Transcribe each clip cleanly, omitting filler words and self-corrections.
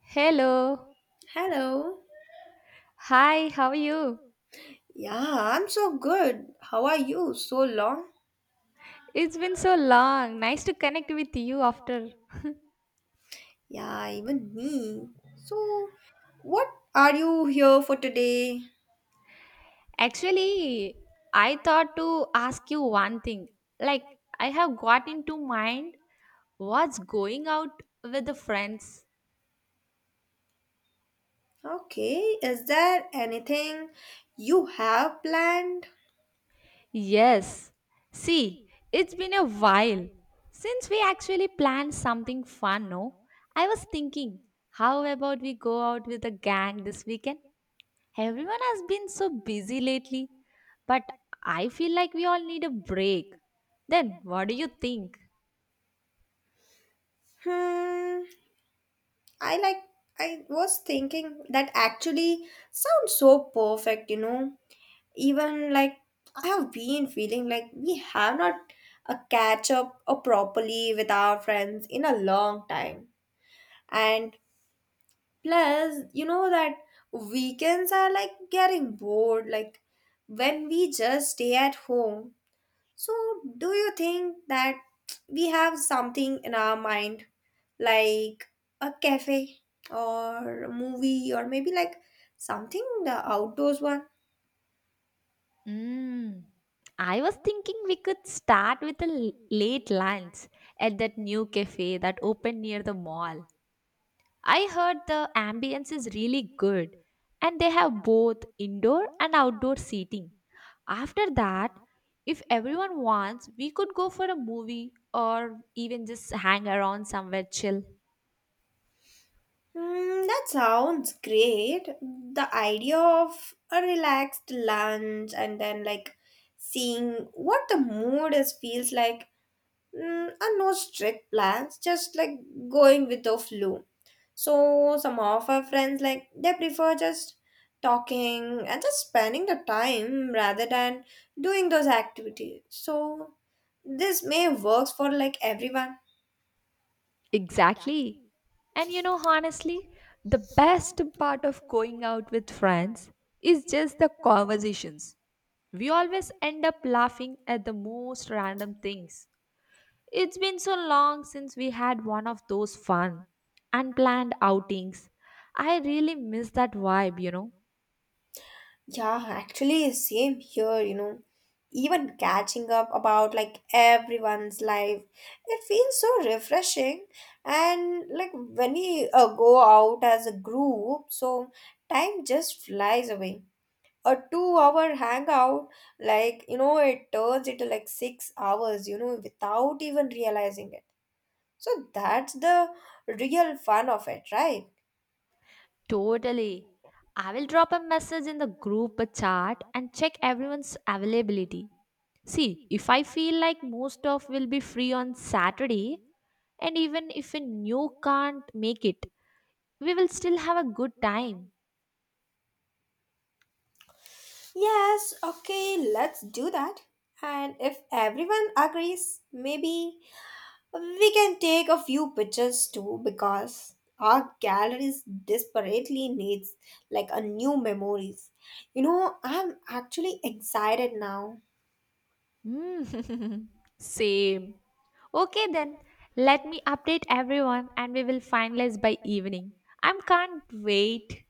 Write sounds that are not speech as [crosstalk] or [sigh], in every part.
Hello. Hello. Hi, how are you? Yeah, I'm so good. How are you? So long. It's been so long. Nice to connect with you after. Yeah, even me. So, what are you here for today? Actually, I thought to ask you one thing. Like, I have got into mind what's going out with the friends. Okay, is there anything you have planned? Yes. See, it's been a while since we actually planned something fun, no? I was thinking, how about we go out with the gang this weekend? Everyone has been so busy lately, but I feel like we all need a break. Then, what do you think? Hmm, I like, I was thinking that actually sounds so perfect, you know. Even like, I have been feeling like we have not a catch up or properly with our friends in a long time. And plus, you know that weekends are like getting bored, like when we just stay at home. So, do you think that we have something in our mind, like a cafe or a movie, or maybe like something the outdoors one? Mm, I was thinking we could start with a late lunch at that new cafe that opened near the mall. I heard the ambience is really good and they have both indoor and outdoor seating. After that, if everyone wants, we could go for a movie or even just hang around somewhere chill. Hmm, that sounds great. The idea of a relaxed lunch and then like seeing what the mood is feels like are no strict plans, just like going with the flow. So some of our friends like they prefer just talking and just spending the time rather than doing those activities. So this may works for like everyone. Exactly. And you know, honestly, the best part of going out with friends is just the conversations. We always end up laughing at the most random things. It's been so long since we had one of those fun, unplanned outings. I really miss that vibe. Yeah, actually, same here, you know. Even catching up about like everyone's life, it feels so refreshing. And like when we go out as a group, so time just flies away. A 2-hour hangout, like you know, it turns into like 6 hours, you know, without even realizing it. So that's the real fun of it, right? Totally. I will drop a message in the group chat and check everyone's availability. See, if I feel like most of will be free on Saturday, and even if you can't make it, we will still have a good time. Yes, okay, let's do that. And if everyone agrees, maybe we can take a few pictures too because our galleries desperately needs like a new memories. You know, I'm actually excited now. Mm, [laughs] same. Okay then, let me update everyone and we will finalize by evening. I can't wait.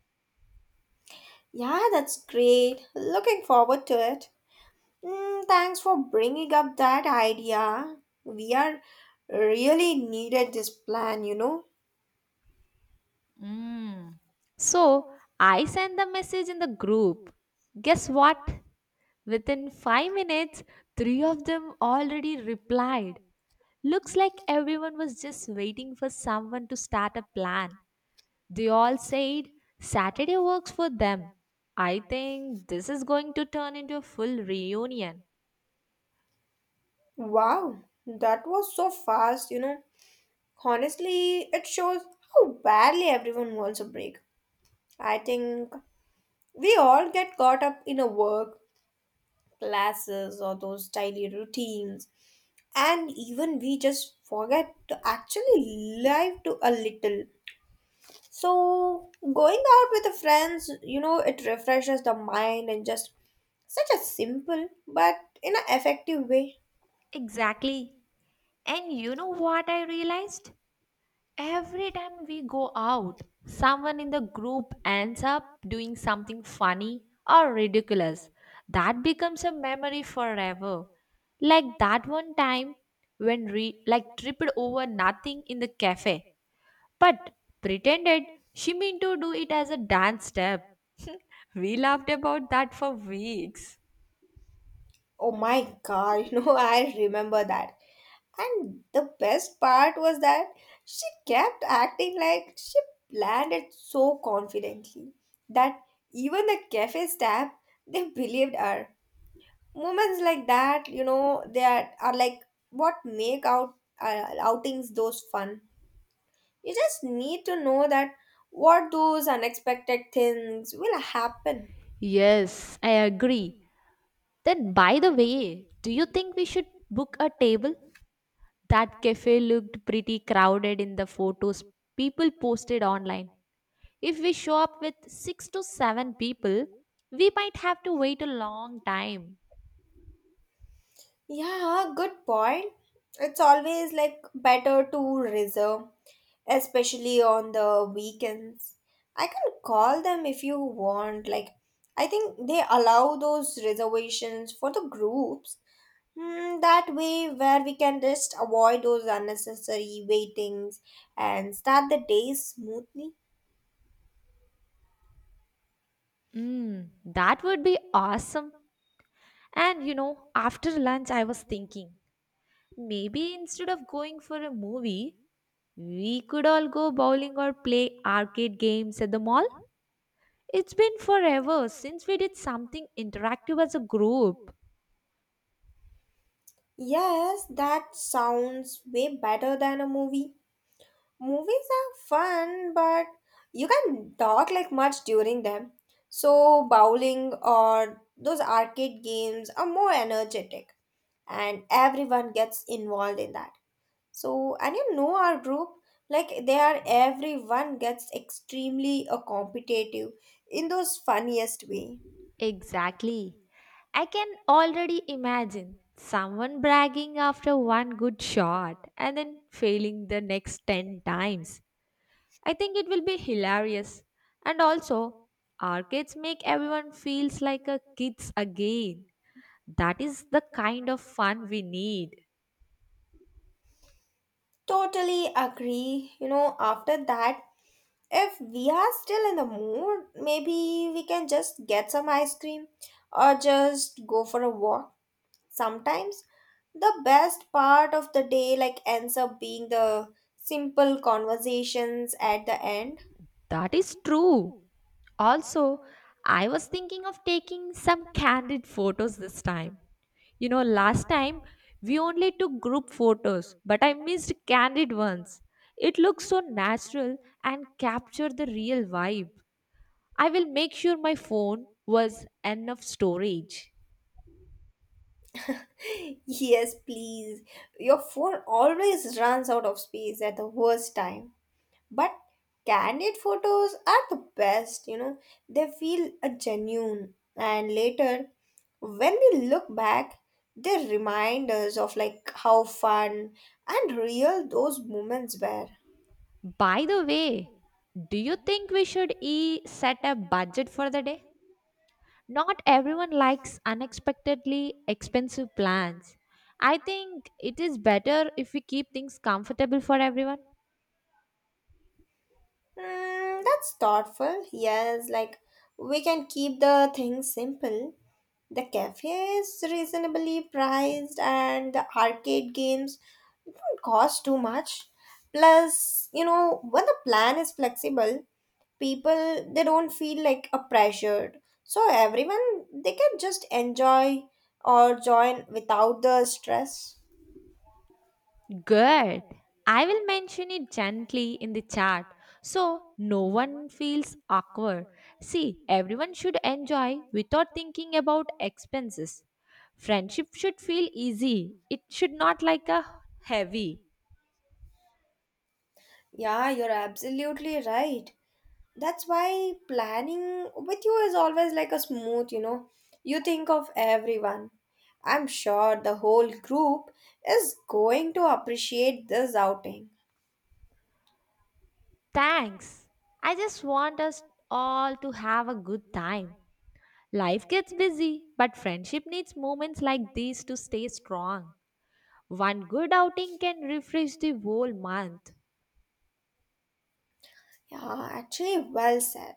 Yeah, that's great. Looking forward to it. Mm, thanks for bringing up that idea. We are really needed this plan, you know. Mm. So I sent the message in the group. Guess what? Within 5 minutes, three of them already replied. Looks like everyone was just waiting for someone to start a plan. They all said Saturday works for them. I think this is going to turn into a full reunion. Wow, that was so fast, you know. Honestly, it shows how badly everyone wants a break. I think we all get caught up in a work, classes, or those daily routines, and even we just forget to actually live to a little. So, going out with the friends, you know, it refreshes the mind and just such a simple but in an effective way. Exactly. And you know what I realized? Every time we go out, someone in the group ends up doing something funny or ridiculous. That becomes a memory forever. Like that one time when like tripped over nothing in the cafe, but pretended she meant to do it as a dance step. [laughs] We laughed about that for weeks. Oh my god, [laughs] you know, I remember that. And the best part was that she kept acting like she planned it so confidently that even the cafe staff they believed her. Moments like that, you know, they are like what make out outings those fun. You just need to know that what those unexpected things will happen. Yes, I agree. Then by the way, do you think we should book a table? That cafe looked pretty crowded in the photos people posted online. If we show up with 6 to 7 people, we might have to wait a long time. Yeah, good point. It's always like better to reserve especially on the weekends. I can call them if you want. Like, I think they allow those reservations for the groups. Hmm, that way, where we can just avoid those unnecessary waitings and start the day smoothly. That would be awesome. And you know, after lunch, I was thinking maybe instead of going for a movie, we could all go bowling or play arcade games at the mall. It's been forever since we did something interactive as a group. Yes, that sounds way better than a movie. Movies are fun, but you can talk like much during them. So, bowling or those arcade games are more energetic, and everyone gets involved in that. So, and you know, our group, like they are everyone gets extremely competitive in those funniest way. Exactly. I can already imagine someone bragging after one good shot and then failing the next 10 times. I think it will be hilarious. And also, arcades make everyone feels like a kids again. That is the kind of fun we need. Totally agree. You know, after that, if we are still in the mood, maybe we can just get some ice cream or just go for a walk. Sometimes the best part of the day like ends up being the simple conversations at the end. That is true. Also, I was thinking of taking some candid photos this time. You know, last time we only took group photos, but I missed candid ones. It looks so natural and capture the real vibe. I will make sure my phone was enough storage. [laughs] Yes, please. Your phone always runs out of space at the worst time. But candid photos are the best, you know, they feel a genuine. And later, when we look back, they remind us of like how fun and real those moments were. By the way, do you think we should e set a budget for the day? Not everyone likes unexpectedly expensive plans. I think it is better if we keep things comfortable for everyone. Mm, that's thoughtful. Yes, like we can keep the things simple. The cafe is reasonably priced and the arcade games don't cost too much. Plus, you know, when the plan is flexible, people they don't feel like a pressured, so everyone they can just enjoy or join without the stress. Good. I will mention it gently in the chat so no one feels awkward. See, everyone should enjoy without thinking about expenses. Friendship should feel easy, it should not like a heavy. Yeah, you're absolutely right. That's why planning with you is always like a smooth, you know. You think of everyone. I'm sure the whole group is going to appreciate this outing. Thanks. I just want us all to have a good time. Life gets busy, but friendship needs moments like these to stay strong. One good outing can refresh the whole month. Yeah, actually, well said.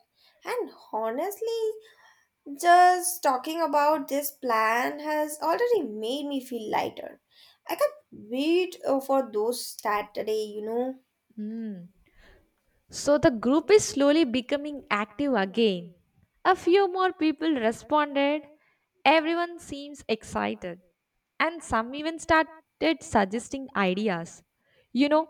And honestly, just talking about this plan has already made me feel lighter. I can't wait for those Saturday, you know. Hmm. So the group is slowly becoming active again. A few more people responded. Everyone seems excited, and some even started suggesting ideas. You know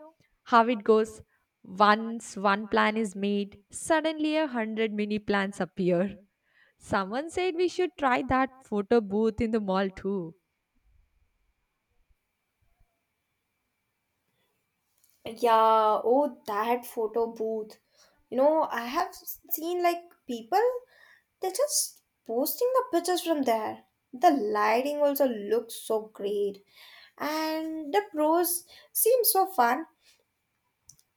how it goes. Once one plan is made, suddenly 100 mini plans appear. Someone said we should try that photo booth in the mall too. Yeah, oh, that photo booth. You know, I have seen like people, they're just posting the pictures from there. The lighting also looks so great, and the pros seem so fun.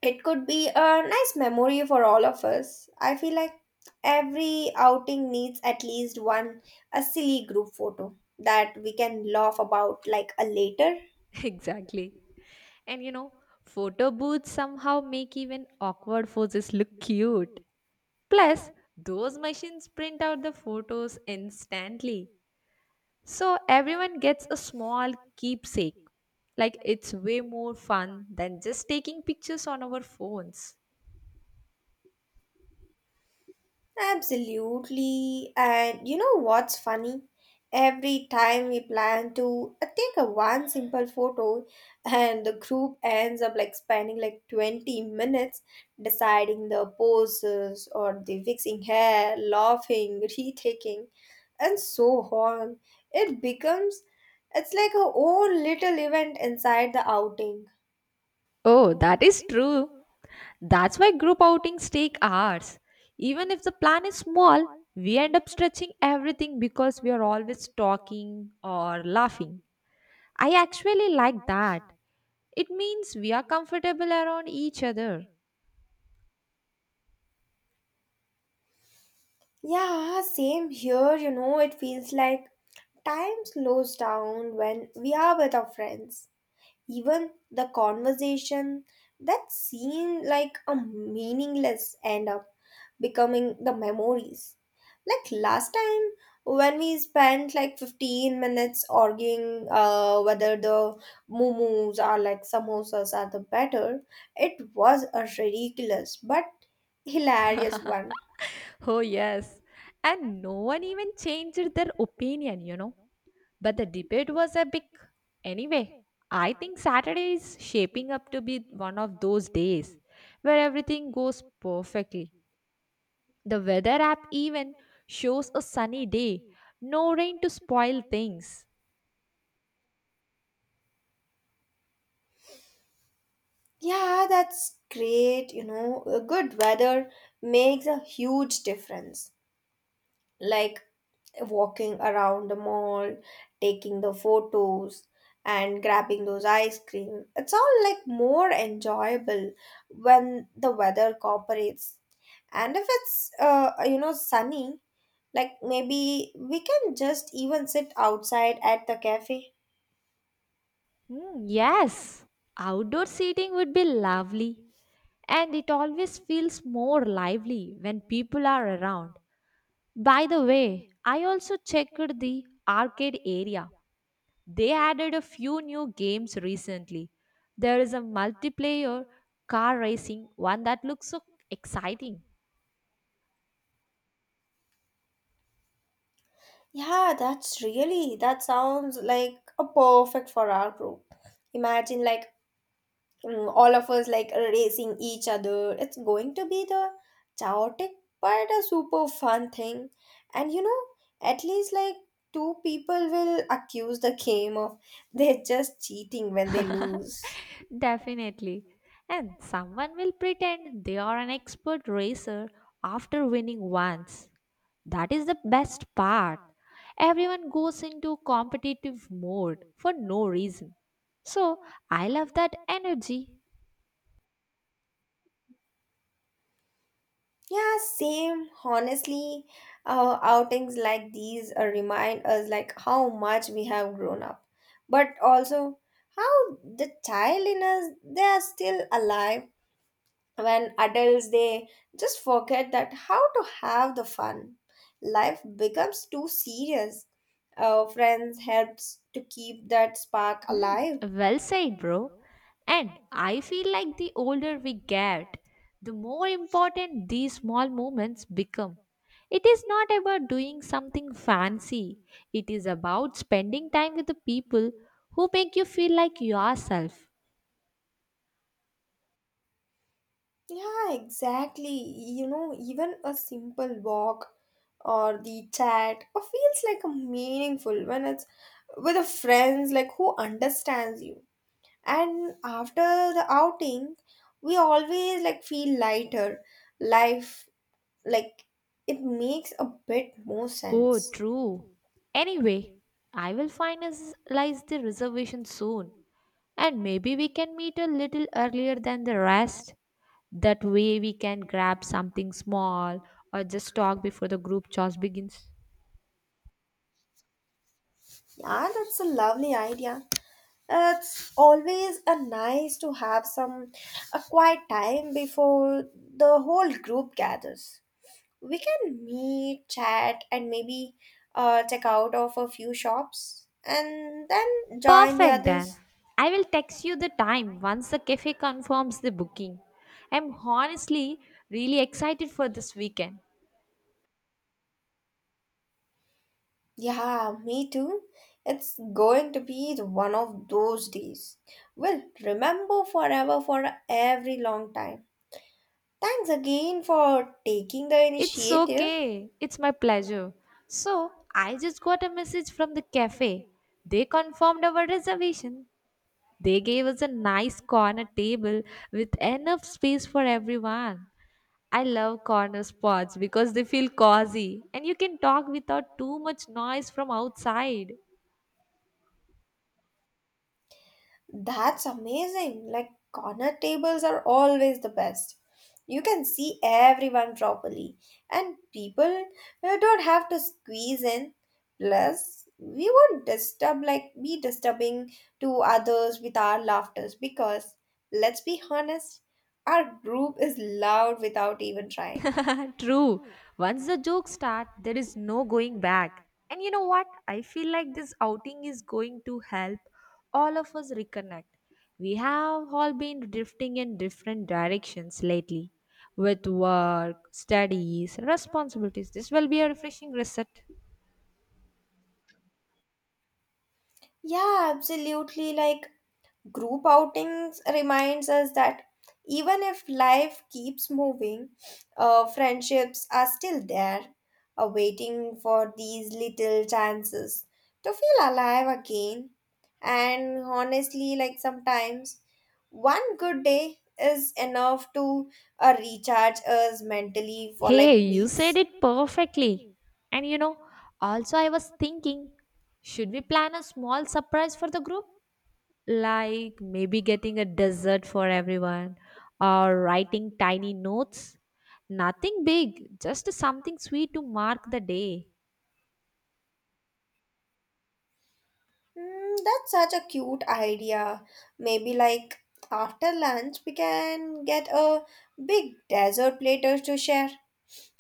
It could be a nice memory for all of us. I feel like every outing needs at least one a silly group photo that we can laugh about like a later. [laughs] Exactly. And you know, photo booths somehow make even awkward poses look cute. Plus, those machines print out the photos instantly. So everyone gets a small keepsake. Like it's way more fun than just taking pictures on our phones. Absolutely. And you know what's funny? Every time we plan to take a one simple photo and the group ends up like spending like 20 minutes deciding the poses or the fixing hair, laughing, [laughs] retaking and so on. It becomes it's like a own little event inside the outing. Oh, that is true. That's why group outings take hours. Even if the plan is small, we end up stretching everything because we are always talking or laughing. I actually like that. It means we are comfortable around each other. Yeah, same here, you know, it feels like time slows down when we are with our friends. Even the conversation that seemed like a meaningless end up becoming the memories. Like last time when we spent like 15 minutes arguing whether the momos are like samosas are the better, it was a ridiculous but hilarious one. [laughs] Oh, yes. And no one even changed their opinion, you know. But the debate was epic. Anyway, I think Saturday is shaping up to be one of those days where everything goes perfectly. The weather app even shows a sunny day, no rain to spoil things. Yeah, that's great. You know, a good weather makes a huge difference. Like walking around the mall, taking the photos, and grabbing those ice cream. It's all like more enjoyable when the weather cooperates. And if it's you know sunny, like maybe we can just even sit outside at the cafe. Yes, outdoor seating would be lovely, and it always feels more lively when people are around. By the way, I also checked the arcade area. They added a few new games recently. There is a multiplayer car racing one that looks so exciting. Yeah, that's really, that sounds like a perfect for our group. Imagine like all of us like racing each other. It's going to be the chaotic but a super fun thing. And you know, at least like two people will accuse the game of [laughs] they're just cheating when they lose. Definitely. And someone will pretend they are an expert racer after winning once. That is the best part. Everyone goes into competitive mode for no reason. So I love that energy. Yeah, same. Honestly, outings like these remind us like how much we have grown up, but also how the child in us they are still alive when adults they just forget that how to have the fun, life becomes too serious, friends helps to keep that spark Mm, alive. well said, bro. And I feel like the older we get, the more important these small moments become. It is not about doing something fancy, it is about spending time with the people who make you feel like yourself. Yeah, exactly. You know, even a simple walk or the chat or feels like a meaningful when it's with a friends like who understands you, and after the outing we always like feel lighter, life, like, it makes a bit more Oh, sense. true. Anyway, I will finalize the reservation soon, and maybe we can meet a little earlier than the rest. That way we can grab something small or just talk before the group chores begins. Yeah, that's a lovely idea. It's always a nice to have some a quiet time before the whole group gathers. We can meet, chat, and maybe check out of a few shops, and then join the Perfect then. others. I will text you the time once the cafe confirms the booking. I'm honestly really excited for this weekend. Yeah, me too. It's going to be the one of those days. We'll remember forever for every long time. Thanks again for taking the It's initiative. okay. It's my pleasure. So, I just got a message from the cafe. They confirmed our reservation. They gave us a nice corner table with enough space for everyone. I love corner spots because they feel cozy and you can talk without too much noise from outside. That's amazing. Like, corner tables are always the best. You can see everyone properly, and people don't have to squeeze in. Plus, we won't disturb, like, be disturbing to others with our laughters because, let's be honest, our group is loud without even trying. [laughs] True. Once the jokes start, there is no going back. And you know what? I feel like this outing is going to help all of us reconnect. We have all been drifting in different directions lately with work, studies, responsibilities. This will be a refreshing reset. Yeah, absolutely. Like, group outings reminds us that even if life keeps moving, friendships are still there, waiting for these little chances to feel alive again. And honestly, like sometimes one good day is enough to recharge us mentally for Hey, like you said weeks. it perfectly. And you know, also I was thinking, should we plan a small surprise for the group? Like maybe getting a dessert for everyone or writing tiny notes? Nothing big, just something sweet to mark the day. Mm, that's such a cute idea. Maybe like after lunch we can get a big dessert platter to share.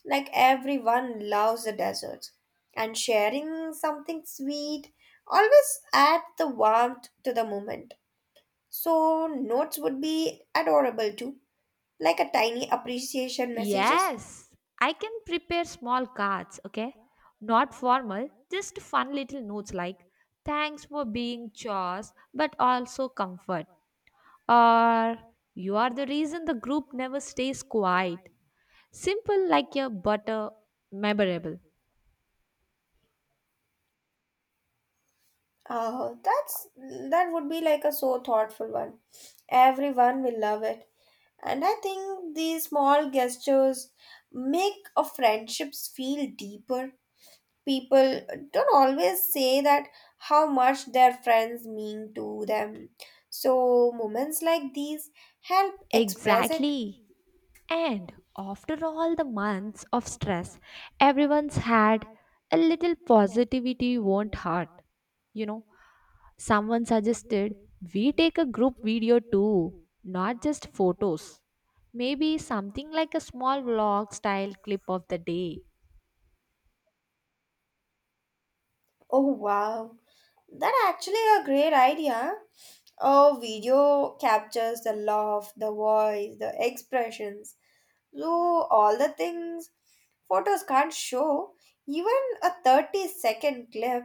Like everyone loves the desserts. And sharing something sweet always adds the warmth to the moment. So notes would be adorable too. Like a tiny appreciation messages. Yes, I can prepare small cards, okay? Not formal, just fun little notes like thanks for being chores but also comfort. Or you are the reason the group never stays quiet. Simple like your butter, memorable. Oh, that would be like a so thoughtful one. Everyone will love it. And I think these small gestures make a friendships feel deeper. People don't always say that how much their friends mean to them. So moments like these help express it. Exactly. And after all the months of stress, everyone's had a little positivity won't hurt. You know, someone suggested we take a group video too, not just photos. Maybe something like a small vlog style clip of the day. Oh wow. That actually a great idea. A video captures the laugh, the voice, the expressions. So all the things photos can't show, even a 30-second clip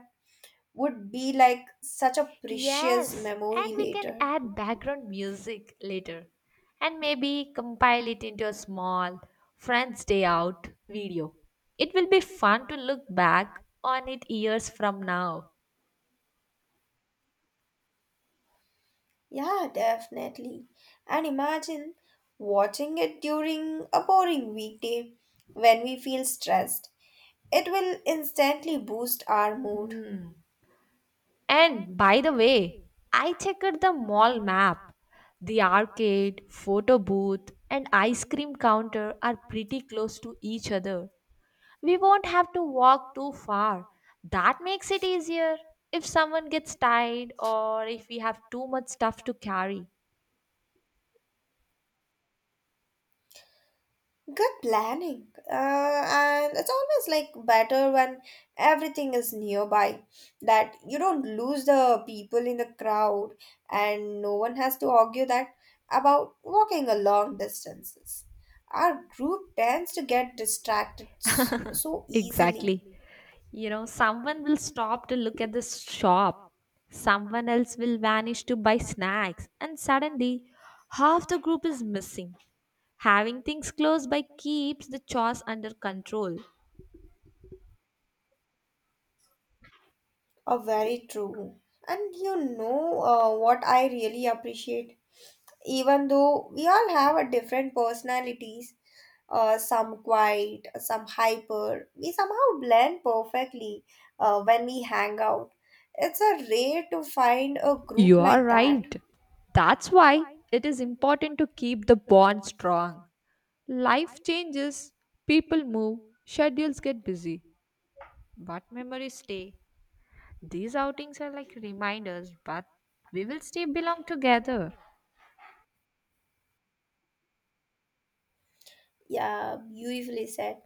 would be like such a precious Yes, and memory we can later. add background music later and maybe compile it into a small Friends Day Out video. It will be fun to look back on it years from now. Yeah, definitely. And imagine watching it during a boring weekday when we feel stressed. It will instantly boost our mood. And by the way, I checked the mall map. The arcade, photo booth, and ice cream counter are pretty close to each other. We won't have to walk too far. That makes it easier if someone gets tired or if we have too much stuff to carry. Good planning. And it's always like better when everything is nearby, that you don't lose the people in the crowd and no one has to argue that about walking a long distances. Our group tends to get distracted so easily. Exactly. someone will stop to look at the shop. Someone else will vanish to buy snacks, and suddenly half the group is missing. Having things close by keeps the chores under control. Oh, very true. And you know what I really appreciate? Even though we all have a different personalities, some quiet, some hyper, we somehow blend perfectly when we hang out. It's a rare to find a group You are like that. right. That's why it is important to keep the bond strong. Life changes, people move, schedules get busy, but memories stay. These outings are like reminders, but we will still belong together. Yeah, beautifully said.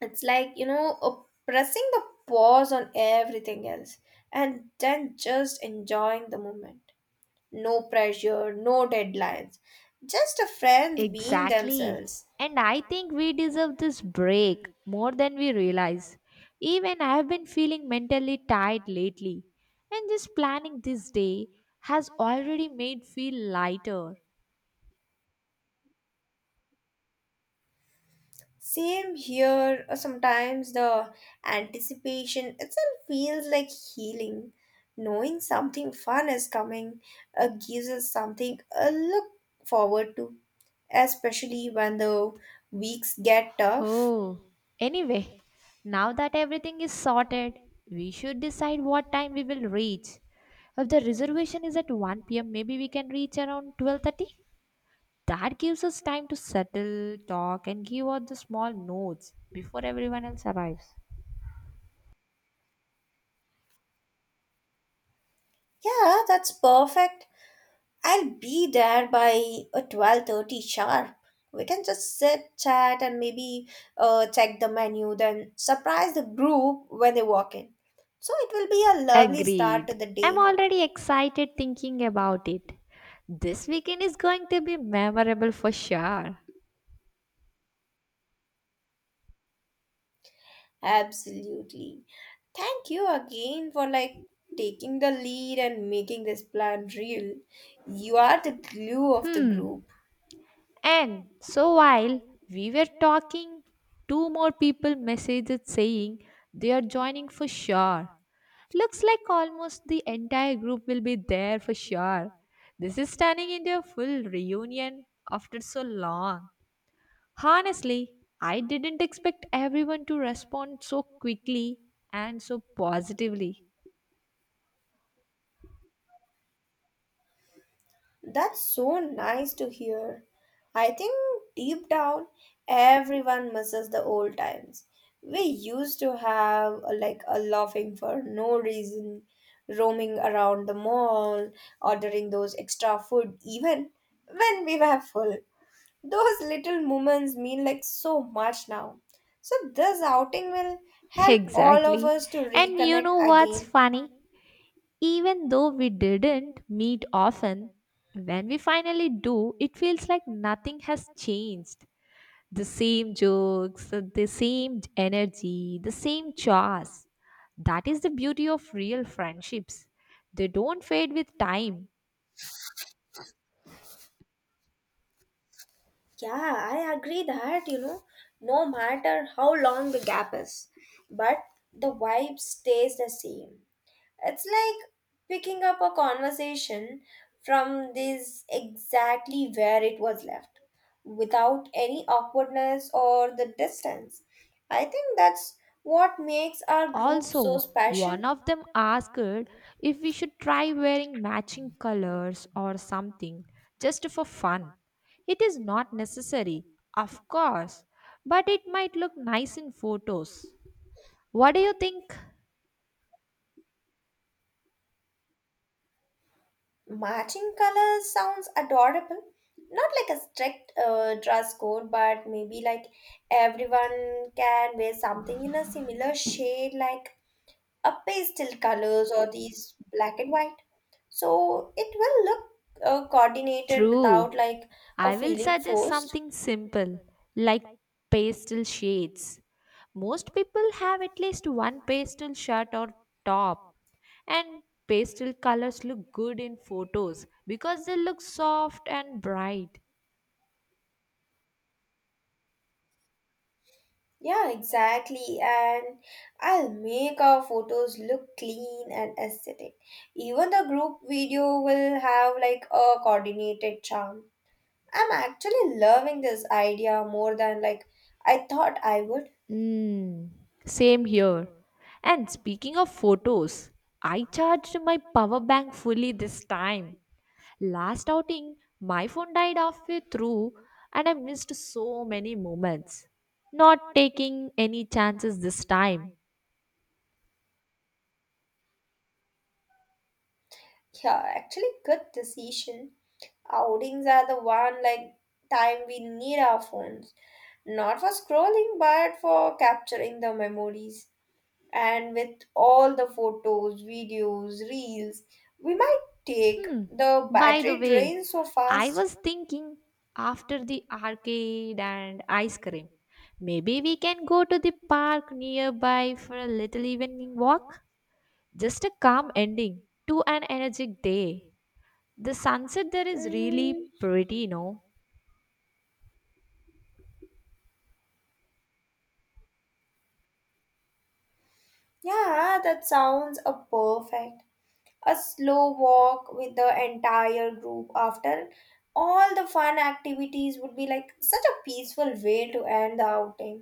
It's like, you know, pressing the pause on everything else and then just enjoying the moment. No pressure, no deadlines, just a friends being Exactly. themselves. And I think we deserve this break more than we realize. Even I have been feeling mentally tired lately, and just planning this day has already made feel lighter. Same here, sometimes the anticipation itself feels like healing. Knowing something fun is coming, gives us something a look forward to, especially when the weeks get tough. Oh, anyway, now that everything is sorted, we should decide what time we will reach. If the reservation is at 1 p.m., maybe we can reach around 12:30. That gives us time to settle, talk, and give out the small notes before everyone else arrives. Yeah, that's perfect. I'll be there by 12:30 sharp. We can just sit, chat, and maybe check the menu, then surprise the group when they walk in. So it will be a lovely start to Agreed. the I'm day. already excited thinking about it. This weekend is going to be memorable for sure. Absolutely. Thank you again for like taking the lead and making this plan real. You are the glue of the Hmm. group. And so while we were talking, two more people messaged saying they are joining for sure. Looks like almost the entire group will be there for sure. This is turning into a full reunion after so long. Honestly, I didn't expect everyone to respond so quickly and so positively. [laughs] That's so nice to hear. I think deep down, everyone misses the old times. We used to have like a laughing for no reason, roaming around the mall, ordering those extra food, even when we were full. Those little moments mean like so much now. So, this outing will help all of Exactly. us to And you reconnect know what's again. funny? Even though we didn't meet often, when we finally do, it feels like nothing has changed. The same jokes, the same energy, the same chores. That is the beauty of real friendships. They don't fade with time. Yeah, I agree that, you know, no matter how long the gap is, but the vibe stays the same. It's like picking up a conversation from this exactly where it was left, without any awkwardness or the distance. I think that's what makes our group so Also, special. one of them asked if we should try wearing matching colors or something just for fun. It is not necessary, of course, but it might look nice in photos. What do you think? Matching colors sounds adorable. Not like a strict dress code, but maybe like everyone can wear something in a similar shade, like a pastel colors or these black and white. So it will look coordinated without True. like a I will feeling suggest forced. something simple like pastel shades. Most people have at least one pastel shirt or top, and pastel colors look good in photos because they look soft and bright. Yeah, exactly. And I'll make our photos look clean and aesthetic. Even the group video will have like a coordinated charm. I'm actually loving this idea more than like I thought I would. Mm, same here. And speaking of photos, I charged my power bank fully this time. Last outing, my phone died halfway through and I missed so many moments. Not taking any chances this time. Yeah, actually good decision. Outings are the one like time we need our phones. Not for scrolling but for capturing the memories. And with all the photos, videos, reels, we might take Hmm. the By the battery way, drains so I fast. was thinking after the arcade and ice cream, maybe we can go to the park nearby for a little evening walk. Just a calm ending to an energetic day. The sunset there is Mm, really pretty, no? yeah, that sounds a perfect. A slow walk with the entire group after all the fun activities would be like such a peaceful way to end the outing,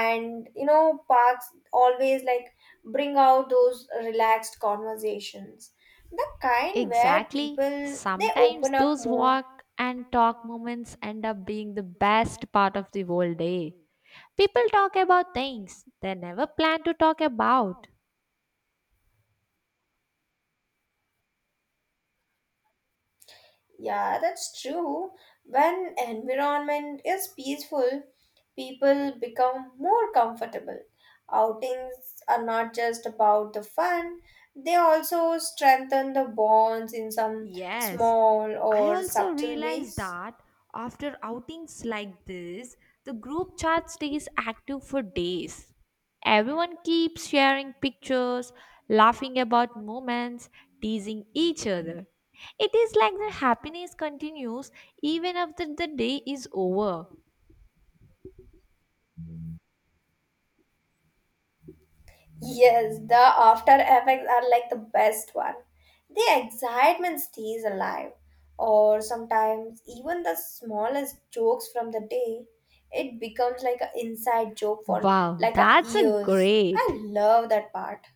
and you know parks always like bring out those relaxed conversations, the kind where Exactly. people they Sometimes open up those more. walk and talk moments end up being the best part of the whole day. People talk about things they never plan to talk about. Yeah, that's true. When environment is peaceful, people become more comfortable. Outings are not just about the fun, they also strengthen the bonds in some Yes, small I or also subtle realized ways. that after outings like this, the group chat stays active for days. Everyone keeps sharing pictures, laughing about moments, teasing each other. It is like the happiness continues even after the day is over. Yes, the after effects are like the best one. The excitement stays alive, or sometimes even the smallest jokes from the day, it becomes like an inside joke for Wow, like a that's a years. I great. love that part.